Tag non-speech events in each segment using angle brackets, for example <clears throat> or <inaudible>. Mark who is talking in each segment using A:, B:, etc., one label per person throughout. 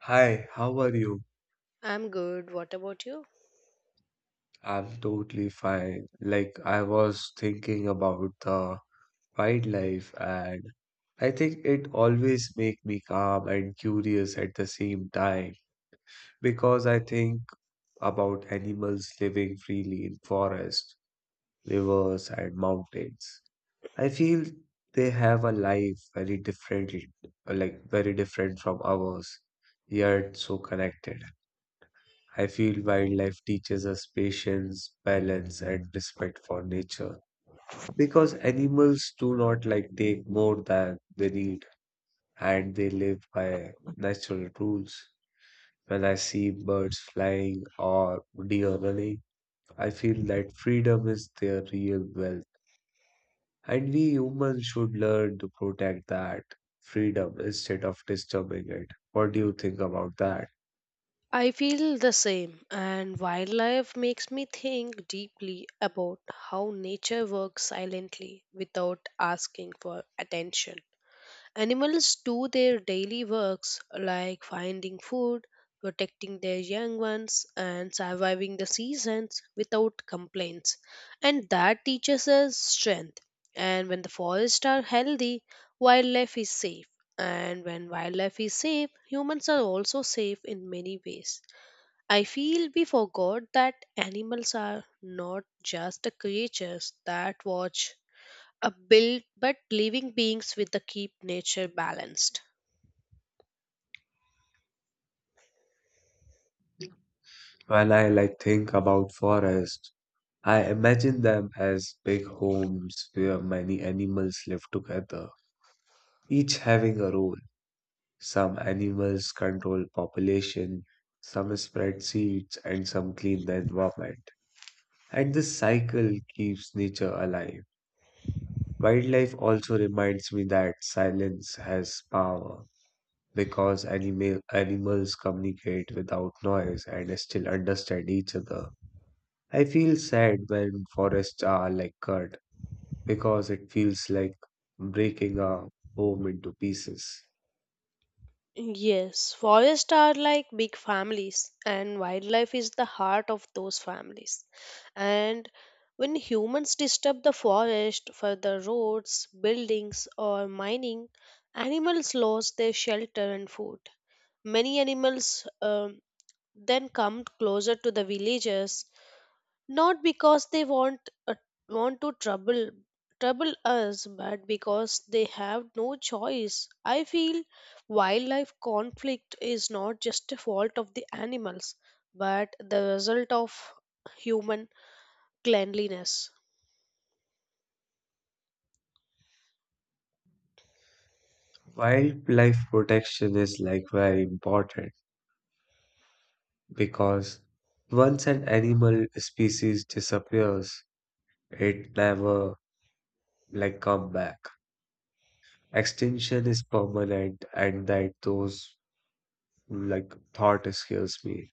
A: Hi, how are you?
B: I'm good. What about you?
A: I'm totally fine. Like, I was thinking about the wildlife, and I think it always makes me calm and curious at the same time because I think about animals living freely in forests, rivers, and mountains. I feel they have a life very different, like very different from ours, yet so connected. I feel wildlife teaches us patience, balance, and respect for nature because animals do not like take more than they need and they live by natural rules. When I see birds flying or deer running, I feel that freedom is their real wealth, and we humans should learn to protect that freedom instead of disturbing it. What do you think about that?
B: I feel the same, and wildlife makes me think deeply about how nature works silently without asking for attention. Animals do their daily works like finding food, protecting their young ones, and surviving the seasons without complaints. And that teaches us strength. And when the forests are healthy, wildlife is safe. And when wildlife is safe, humans are also safe in many ways. I feel we forgot that animals are not just the creatures that watch a build but living beings with the keep nature balanced.
A: When I like think about forests, I imagine them as big homes where many animals live together, each having a role. Some animals control population, some spread seeds, and some clean the environment. And this cycle keeps nature alive. Wildlife also reminds me that silence has power because animals communicate without noise and still understand each other. I feel sad when forests are like cut because it feels like breaking a home into pieces.
B: Yes, forests are like big families, and wildlife is the heart of those families. And when humans disturb the forest for the roads, buildings, or mining, animals lose their shelter and food. Many animals then come closer to the villages not because they uh, want to trouble us but because they have no choice. I feel wildlife conflict is not just a fault of the animals but the result of human cleanliness.
A: Wildlife protection is like very important because once an animal species disappears, it never like come back. Extinction is permanent, and that those like thought scares me.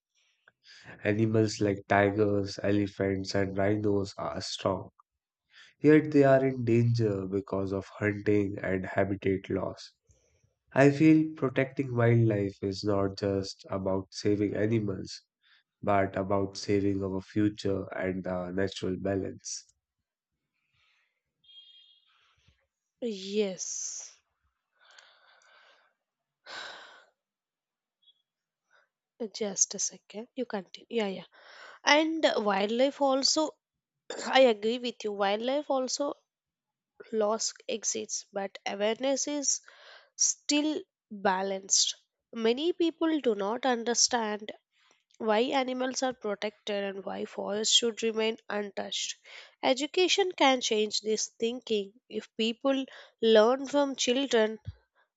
A: Animals like tigers, elephants, and rhinos are strong. Yet they are in danger because of hunting and habitat loss. I feel protecting wildlife is not just about saving animals, but about saving our future and the natural balance.
B: Yes, just a second, you continue. Yeah, yeah, and wildlife also <clears throat> I agree with you, wildlife also lost exists but awareness is still balanced. Many people do not understand why animals are protected and why forests should remain untouched. Education can change this thinking if people learn from children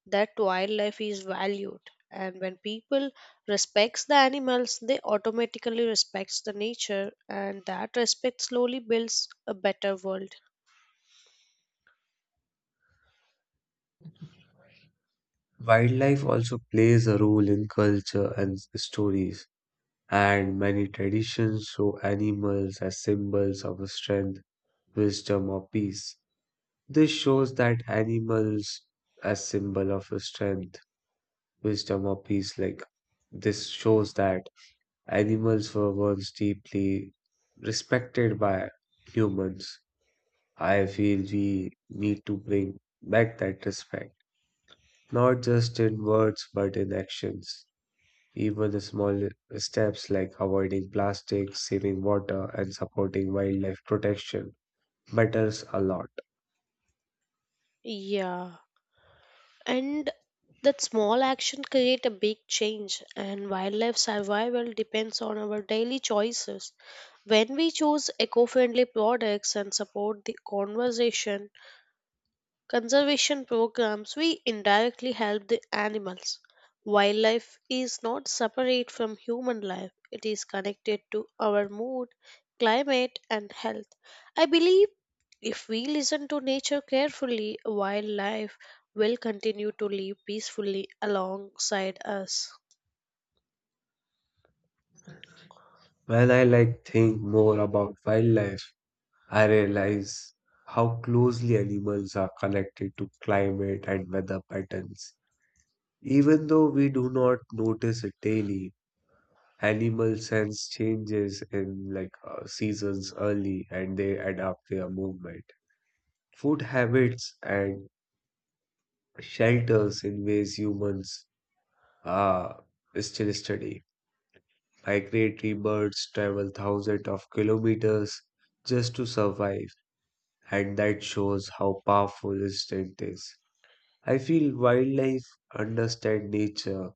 B: that wildlife is valued. And when people respects the animals, they automatically respects the nature, and that respect slowly builds a better world.
A: Wildlife also plays a role in culture and stories, and many traditions show animals as symbols of strength, wisdom, or peace. This shows that animals as symbol of strength, wisdom, or peace, like this shows that animals were once deeply respected by humans. I feel we need to bring back that respect, not just in words but in actions. Even the small steps like avoiding plastic, saving water, and supporting wildlife protection matters a lot.
B: Yeah. And that small action create a big change and wildlife survival depends on our daily choices. When we choose eco-friendly products and support the conservation programs, we indirectly help the animals. Wildlife is not separate from human life, it is connected to our mood, climate, and health. I believe if we listen to nature carefully, wildlife will continue to live peacefully alongside us.
A: When I like think more about wildlife, I realize how closely animals are connected to climate and weather patterns. Even though we do not notice it daily, animals sense changes in like seasons early, and they adapt their movement, food habits, and shelters in ways humans uh, still study. Migratory birds travel thousands of kilometers just to survive, and that shows how powerful instinct is. I feel wildlife understand nature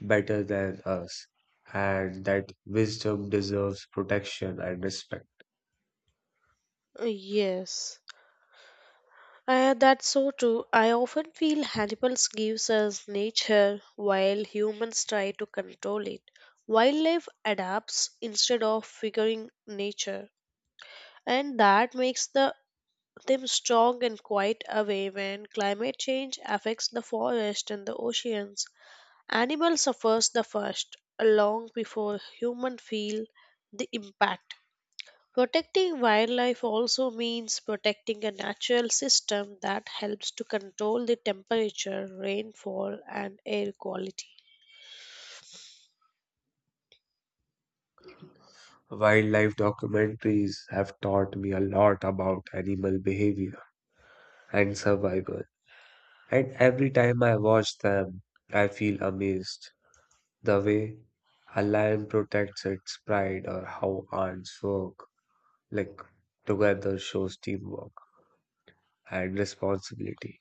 A: better than us, and that wisdom deserves protection and respect.
B: Yes. That's so true. I often feel animals gives us nature while humans try to control it. Wildlife adapts instead of figuring nature, and that makes them strong and quite away when climate change affects the forest and the oceans. Animal suffers the first, long before human feel the impact. Protecting wildlife also means protecting a natural system that helps to control the temperature, rainfall, and air quality.
A: Wildlife documentaries have taught me a lot about animal behavior and survival, and every time I watch them, I feel amazed. The way a lion protects its pride, or how ants work, like together, shows teamwork and responsibility.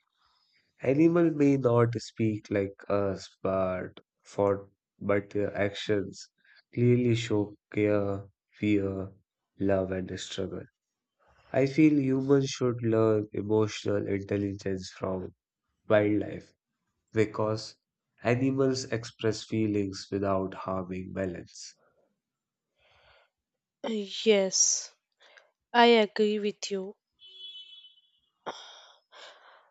A: Animal may not speak like us, but for but their actions clearly show care, fear, love, and struggle. I feel humans should learn emotional intelligence from wildlife because animals express feelings without harming balance.
B: <clears throat> Uh, Yes, I agree with you.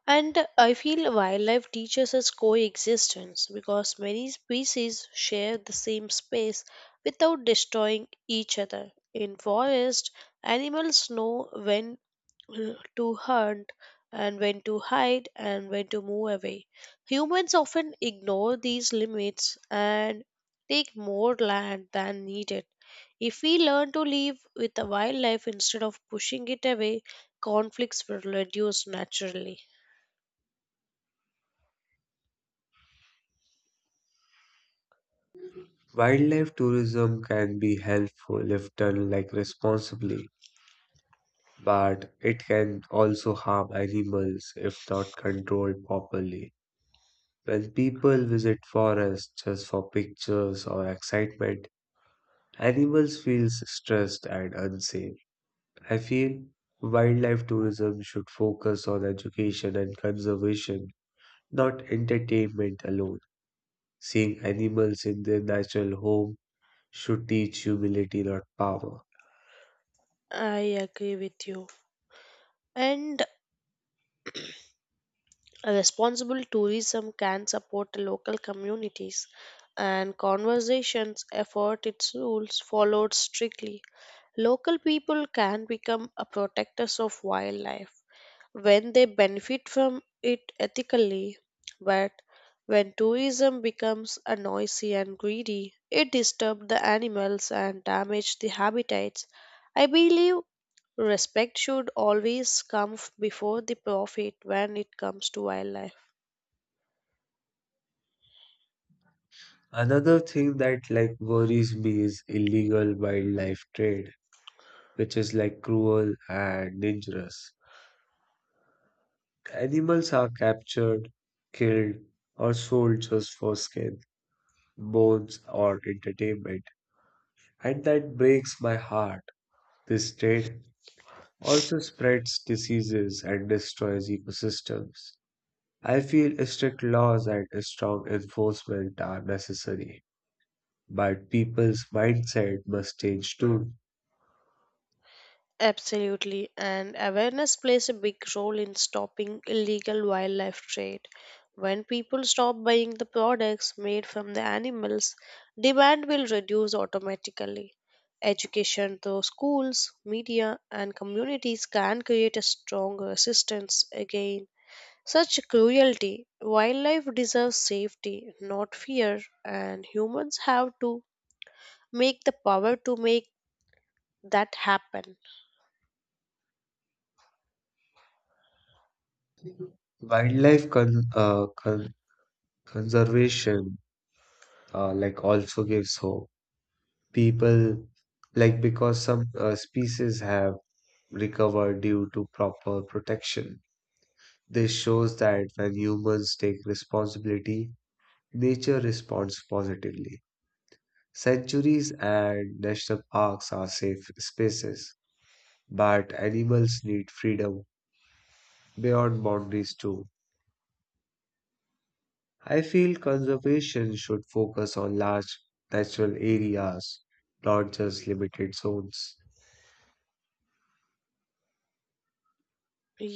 B: And I feel wildlife teaches us coexistence because many species share the same space without destroying each other. In forest, animals know when to hunt and when to hide and when to move away. Humans often ignore these limits and take more land than needed. If we learn to live with the wildlife instead of pushing it away, conflicts will reduce naturally.
A: Wildlife tourism can be helpful if done like responsibly, but it can also harm animals if not controlled properly. While people visit forests just for pictures or excitement, animals feel stressed and unsafe. I feel wildlife tourism should focus on education and conservation, not entertainment alone. Seeing animals in their natural home should teach humility, not power.
B: I agree with you. And responsible tourism can support local communities and conversations effort its rules followed strictly. Local people can become a protectors of wildlife when they benefit from it ethically, but when tourism becomes a noisy and greedy, it disturbs the animals and damage the habitats. I believe respect should always come before the profit when it comes to wildlife.
A: Another thing that like worries me is illegal wildlife trade, which is like cruel and dangerous. Animals are captured, killed, or sold just for skin, bones, or entertainment, and that breaks my heart. This trade also spreads diseases and destroys ecosystems. I feel strict laws and strong enforcement are necessary, but people's mindset must change too.
B: Absolutely, and awareness plays a big role in stopping illegal wildlife trade. When people stop buying the products made from the animals, demand will reduce automatically. Education through schools, media, and communities can create a strong resistance against such cruelty. Wildlife deserves safety, not fear, and humans have to make the power to make that happen.
A: Wildlife con- uh, con- conservation like also gives hope. People like because some species have recovered due to proper protection. This shows that when humans take responsibility, nature responds positively. Sanctuaries and national parks are safe spaces, but animals need freedom beyond boundaries too. I feel conservation should focus on large natural areas, not just limited zones.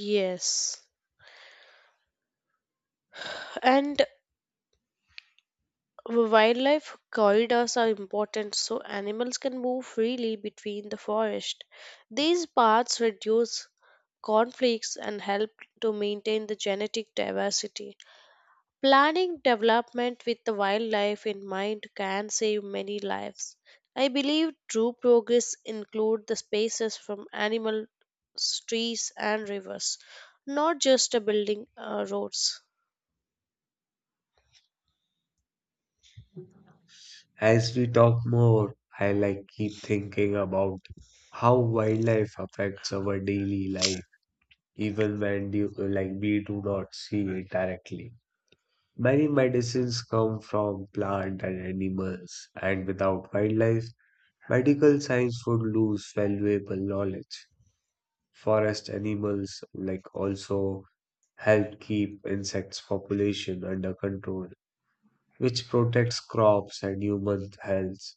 B: Yes. And wildlife corridors are important so animals can move freely between the forest. These paths reduce conflicts and help to maintain the genetic diversity. Planning development with the wildlife in mind can save many lives. I believe true progress include the spaces from animal trees and rivers, not just a building roads.
A: As we talk more, I like keep thinking about how wildlife affects our daily life, even when you like we do not see it directly. Many medicines come from plant and animals, and without wildlife, medical science would lose valuable knowledge. Forest animals like also help keep insects population under control, which protects crops and human health.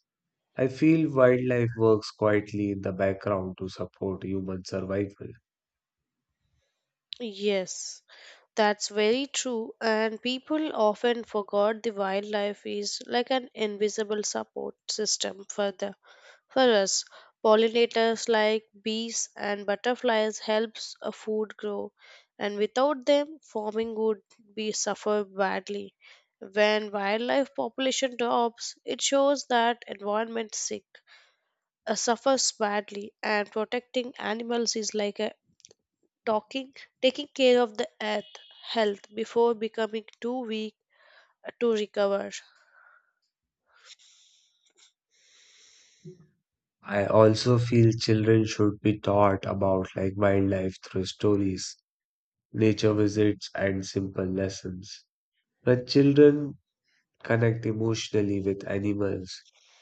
A: I feel wildlife works quietly in the background to support human survival.
B: Yes, that's very true, and people often forgot the wildlife is like an invisible support system for them. For us, pollinators like bees and butterflies helps a food grow, and without them, farming would be suffer badly. When wildlife population drops, it shows that environment sick suffers badly, and protecting animals is like a talking taking care of the earth health before becoming too weak to recover.
A: I also feel children should be taught about like wildlife through stories, nature visits, and simple lessons. When children connect emotionally with animals,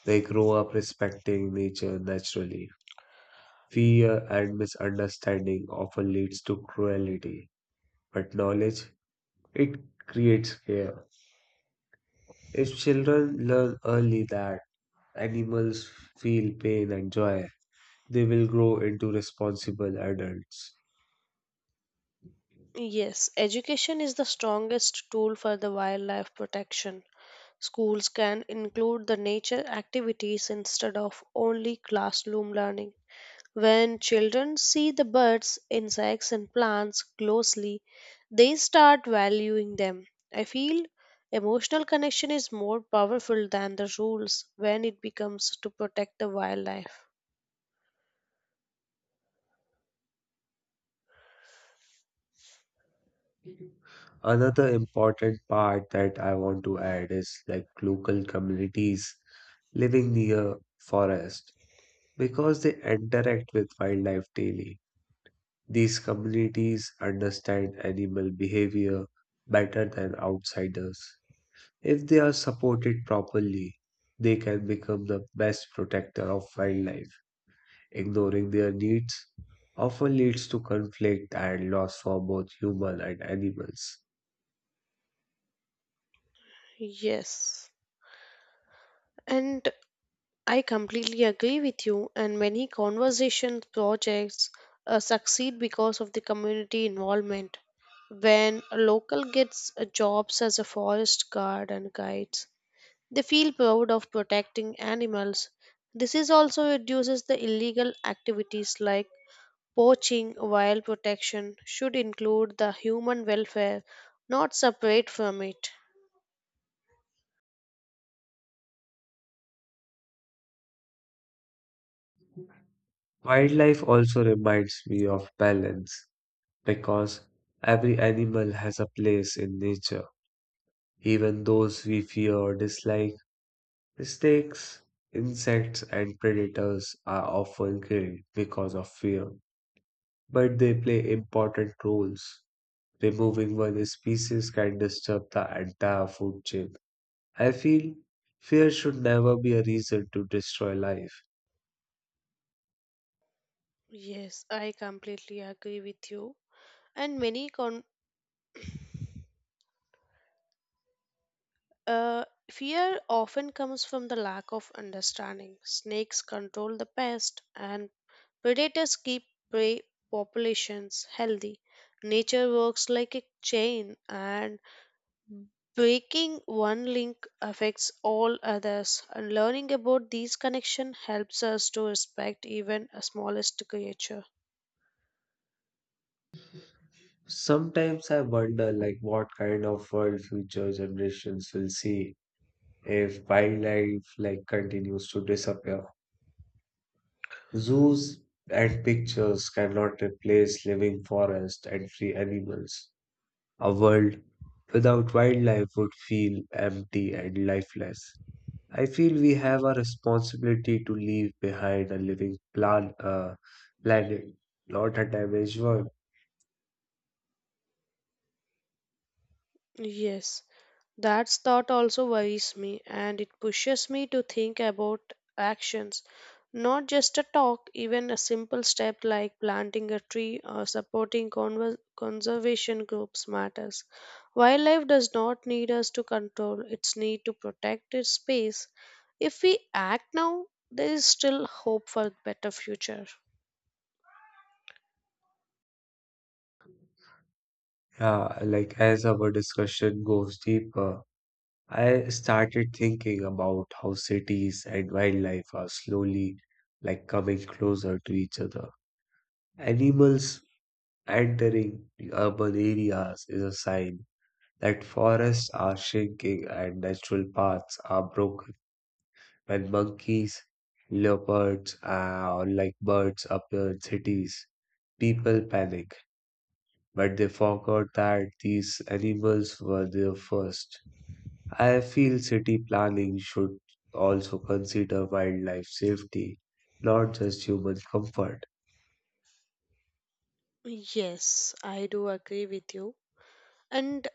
A: they grow up respecting nature naturally. Fear and misunderstanding often leads to cruelty, but knowledge, it creates care. If children learn early that animals feel pain and joy, they will grow into responsible adults.
B: Yes, education is the strongest tool for the wildlife protection. Schools can include the nature activities instead of only classroom learning. When children see the birds, insects, and plants closely, they start valuing them. I feel emotional connection is more powerful than the rules when it becomes to protect the wildlife.
A: Another important part that I want to add is like local communities living near forest because they interact with wildlife daily. These communities understand animal behavior better than outsiders. If they are supported properly, they can become the best protector of wildlife. Ignoring their needs often leads to conflict and loss for both human and animals.
B: Yes. And I completely agree with you, and many conversation projects succeed because of the community involvement. When a local gets jobs as a forest guard and guides, they feel proud of protecting animals. This is also reduces the illegal activities like poaching, while protection should include the human welfare, not separate from it.
A: Wildlife also reminds me of balance because every animal has a place in nature. Even those we fear or dislike, snakes, insects, and predators are often killed because of fear, but they play important roles. Removing one species can disturb the entire food chain. I feel fear should never be a reason to destroy life.
B: Yes, I completely agree with you. And many Uh, fear often comes from the lack of understanding. Snakes control the pest, and predators keep prey populations healthy. Nature works like a chain, and breaking one link affects all others. And learning about these connections helps us to respect even a smallest creature.
A: Sometimes I wonder like what kind of world future generations will see if wildlife like continues to disappear. Zoos and pictures cannot replace living forests and free animals. A world without wildlife would feel empty and lifeless. I feel we have a responsibility to leave behind a living planet, not a damaged one.
B: Yes. That thought also worries me and it pushes me to think about actions, not just a talk, even a simple step like planting a tree or supporting conservation groups matters. Wildlife does not need us to control, it's need to protect its space. If we act now, there is still hope for better future.
A: Yeah, like as our discussion goes deeper, I started thinking about how cities and wildlife are slowly like coming closer to each other. Animals entering the urban areas is a sign that forests are shrinking and natural paths are broken. When monkeys, leopards, or like birds appear in cities, people panic, but they forgot that these animals were there first. I feel city planning should also consider wildlife safety, not just human comfort.
B: Yes, I do agree with you. And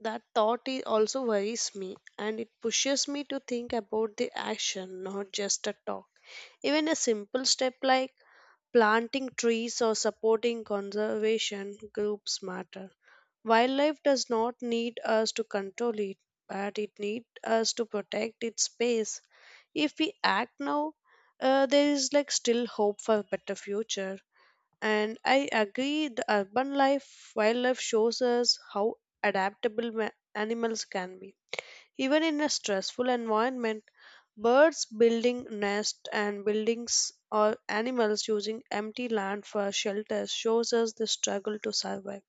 B: that thought is also worries me and it pushes me to think about the action, not just a talk. Even a simple step like planting trees or supporting conservation groups matter. Wildlife does not need us to control it, but it needs us to protect its space. If we act now, there is like still hope for a better future. And I agree, the urban life wildlife shows us how adaptable animals can be. Even in a stressful environment, birds building nests and buildings or animals using empty land for shelter shows us the struggle to survive.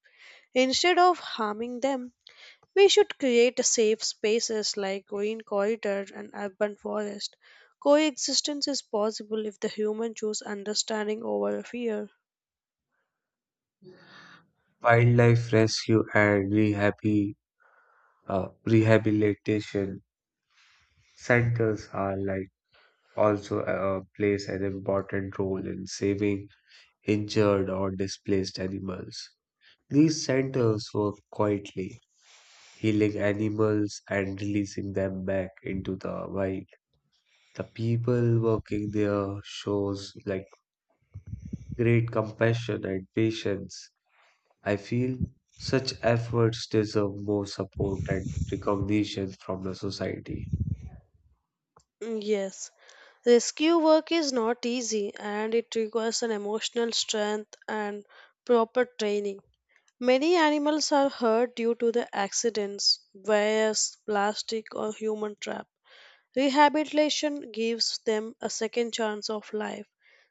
B: Instead of harming them, we should create safe spaces like green corridors and urban forest. Coexistence is possible if the human choose understanding over fear.
A: Wildlife rescue and uh, rehabilitation centers are like also plays an important role in saving injured or displaced animals. These centers work quietly, healing animals and releasing them back into the wild. The people working there shows like great compassion and patience. I feel such efforts deserve more support and recognition from the society.
B: Mm, yes. Rescue work is not easy and it requires an emotional strength and proper training. Many animals are hurt due to the accidents, waste, plastic, or human trap. Rehabilitation gives them a second chance of life.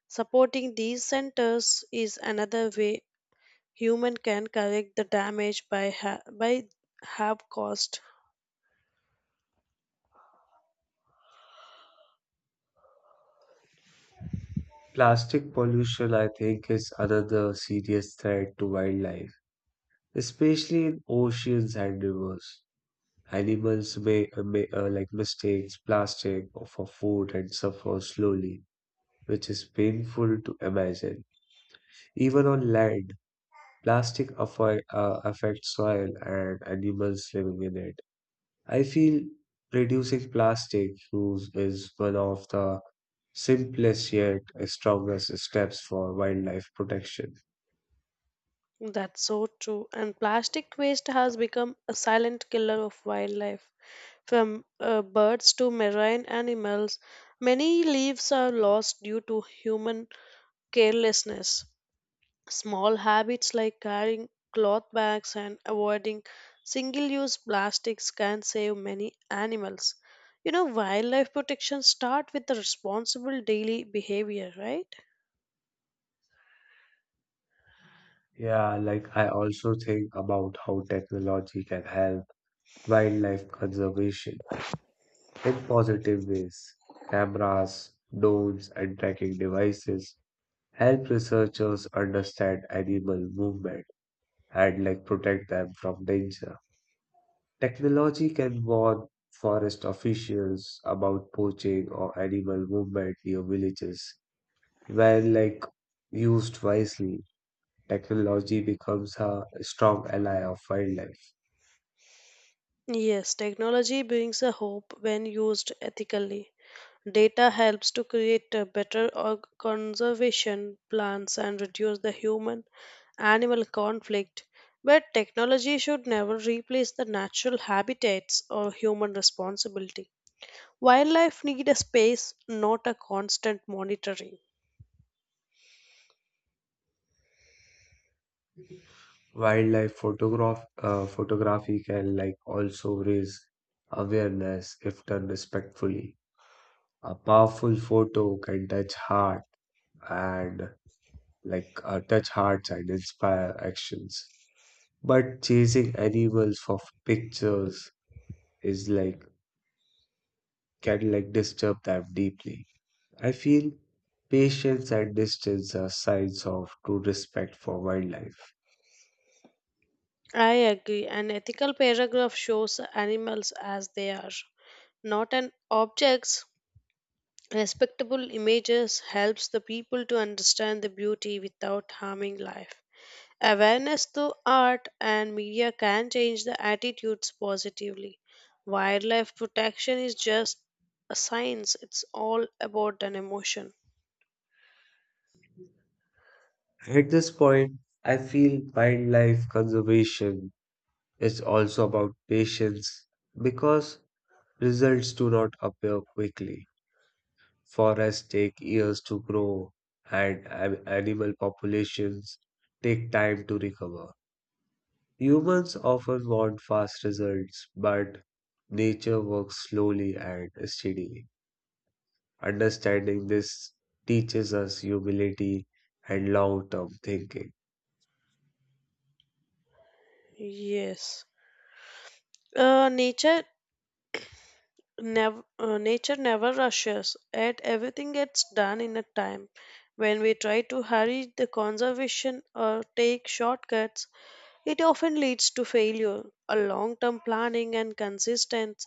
B: Supporting these centers is another way human can correct the damage by have caused.
A: Plastic pollution, I think, is another serious threat to wildlife, especially in oceans and rivers. Animals may like mistakes plastic for food and suffer slowly, which is painful to imagine. Even on land, plastic affects soil and animals living in it. I feel reducing plastic use is one of the simplest yet strongest steps for wildlife protection.
B: That's so true. And plastic waste has become a silent killer of wildlife. From birds to marine animals, many leaves are lost due to human carelessness. Small habits like carrying cloth bags and avoiding single use plastics can save many animals. You know, wildlife protection starts with the responsible daily behavior, right?
A: Yeah, like I also think about how technology can help wildlife conservation in positive ways. Cameras, drones, and tracking devices help researchers understand animal movement and like protect them from danger. Technology can warn forest officials about poaching or animal movement near villages. When like used wisely, technology becomes a strong ally of wildlife.
B: Yes, technology brings a hope when used ethically. Data helps to create a better conservation plans and reduce the human animal conflict, but technology should never replace the natural habitats or human responsibility. Wildlife need a space, not a constant monitoring.
A: Wildlife photography can like also raise awareness if done respectfully. A powerful photo can touch heart and like touch hearts and inspire actions. But chasing animals for pictures is like can like disturb them deeply. I feel patience and distance are signs of true respect for wildlife.
B: I agree. An ethical paragraph shows animals as they are, not an objects. Respectable images helps the people to understand the beauty without harming life. Awareness through art and media can change the attitudes positively. Wildlife protection is just a science, it's all about an emotion.
A: At this point, I feel wildlife conservation, it's also about patience because results do not appear quickly. Forests take years to grow, and animal populations take time to recover. Humans often want fast results, but nature works slowly and steadily. Understanding this teaches us humility and long term thinking.
B: Yes. Uh, nature Nature never rushes, yet everything gets done in a time. When we try to hurry the conservation or take shortcuts, it often leads to failure. A long-term planning and consistent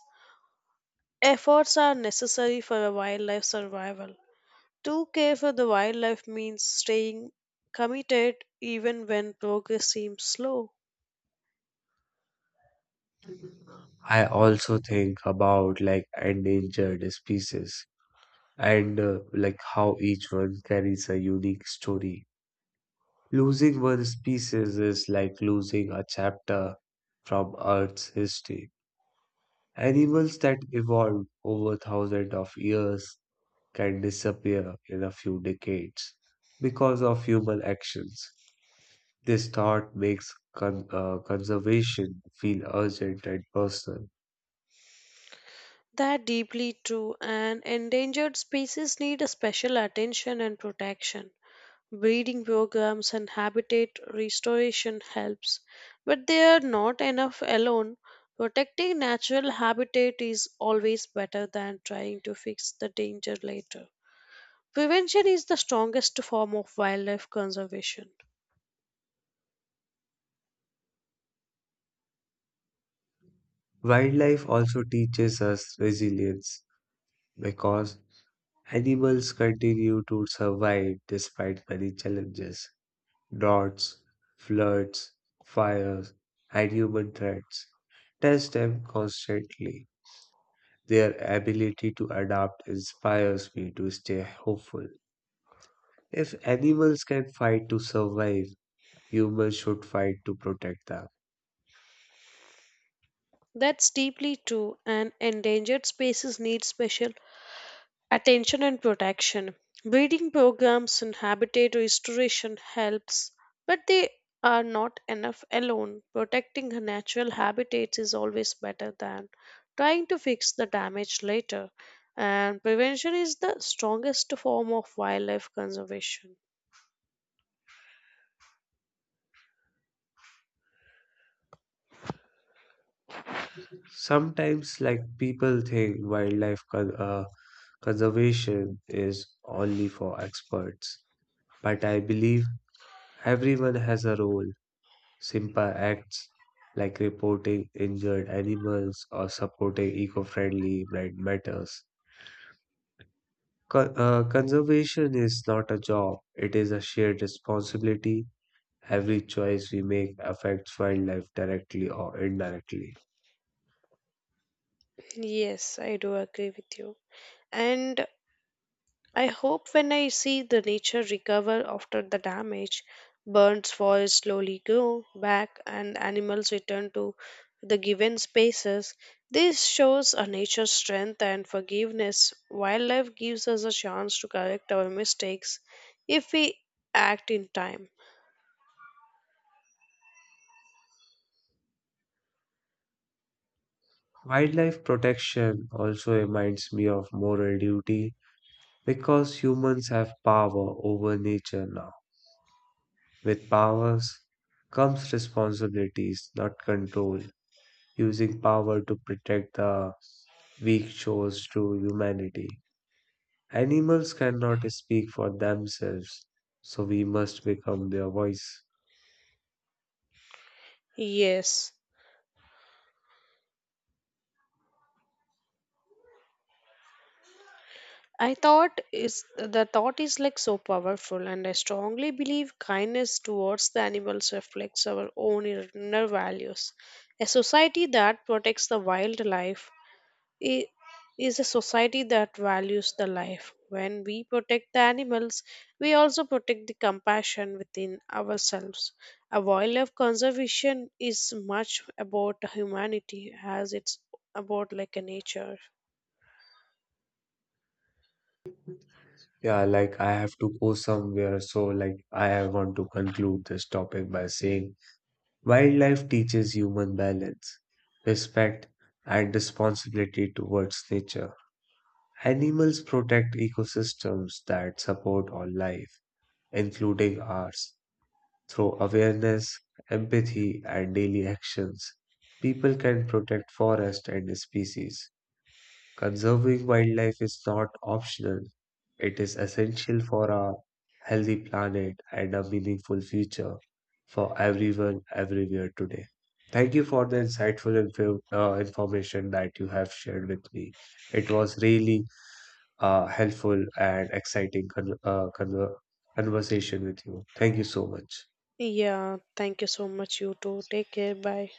B: efforts are necessary for a wildlife survival. To care for the wildlife means staying committed even when progress seems slow.
A: I also think about like endangered species and like how each one carries a unique story. Losing one species is like losing a chapter from Earth's history. Animals that evolved over thousands of years can disappear in a few decades because of human actions. This thought makes conservation feel urgent and personal.
B: That deeply true and endangered species need a special attention and protection. Breeding programs and habitat restoration helps, but they are not enough alone. Protecting natural habitat is always better than trying to fix the danger later. Prevention is the strongest form of wildlife conservation.
A: Wildlife also teaches us resilience because animals continue to survive despite many challenges, droughts, floods, fires, and human threats. Test them constantly. Their ability to adapt inspires me to stay hopeful. If animals can fight to survive, humans should fight to protect them.
B: That's deeply true, and endangered species need special attention and protection. Breeding programs and habitat restoration helps, but they are not enough alone. Protecting a natural habitat is always better than trying to fix the damage later, and prevention is the strongest form of wildlife conservation.
A: Sometimes, like people think wildlife conservation is only for experts, but I believe everyone has a role. Simpa acts like reporting injured animals or supporting eco-friendly brand matters. Conservation is not a job, it is a shared responsibility. Every choice we make affects wildlife directly or indirectly.
B: Yes, I do agree with you. And I hope when I see the nature recover after the damage, birds' forests slowly grow back, and animals return to the given spaces. This shows a nature's strength and forgiveness. Wildlife gives us a chance to correct our mistakes if we act in time.
A: Wildlife protection also reminds me of moral duty because humans have power over nature now. With powers comes responsibilities, not control. Using power to protect the weak shows true humanity. Animals cannot speak for themselves, so we must become their voice.
B: Yes. I thought is the thought is like so powerful, and I strongly believe kindness towards the animals reflects our own inner values. A society that protects the wildlife i- is a society that values the life. When we protect the animals, we also protect the compassion within ourselves. A wildlife conservation is much about humanity as it's about like a nature.
A: Yeah, like I have to go somewhere, so like I want to conclude this topic by saying wildlife teaches human balance, respect, and responsibility towards nature. Animals protect ecosystems that support all life, including ours. Through awareness, empathy, and daily actions, people can protect forests and species. Conserving wildlife is not optional, it is essential for a healthy planet and a meaningful future for everyone everywhere today. Thank you for the insightful information that you have shared with me. It was really helpful and exciting conversation with you. Thank you so much.
B: Yeah, thank you so much. You too. Take care. Bye.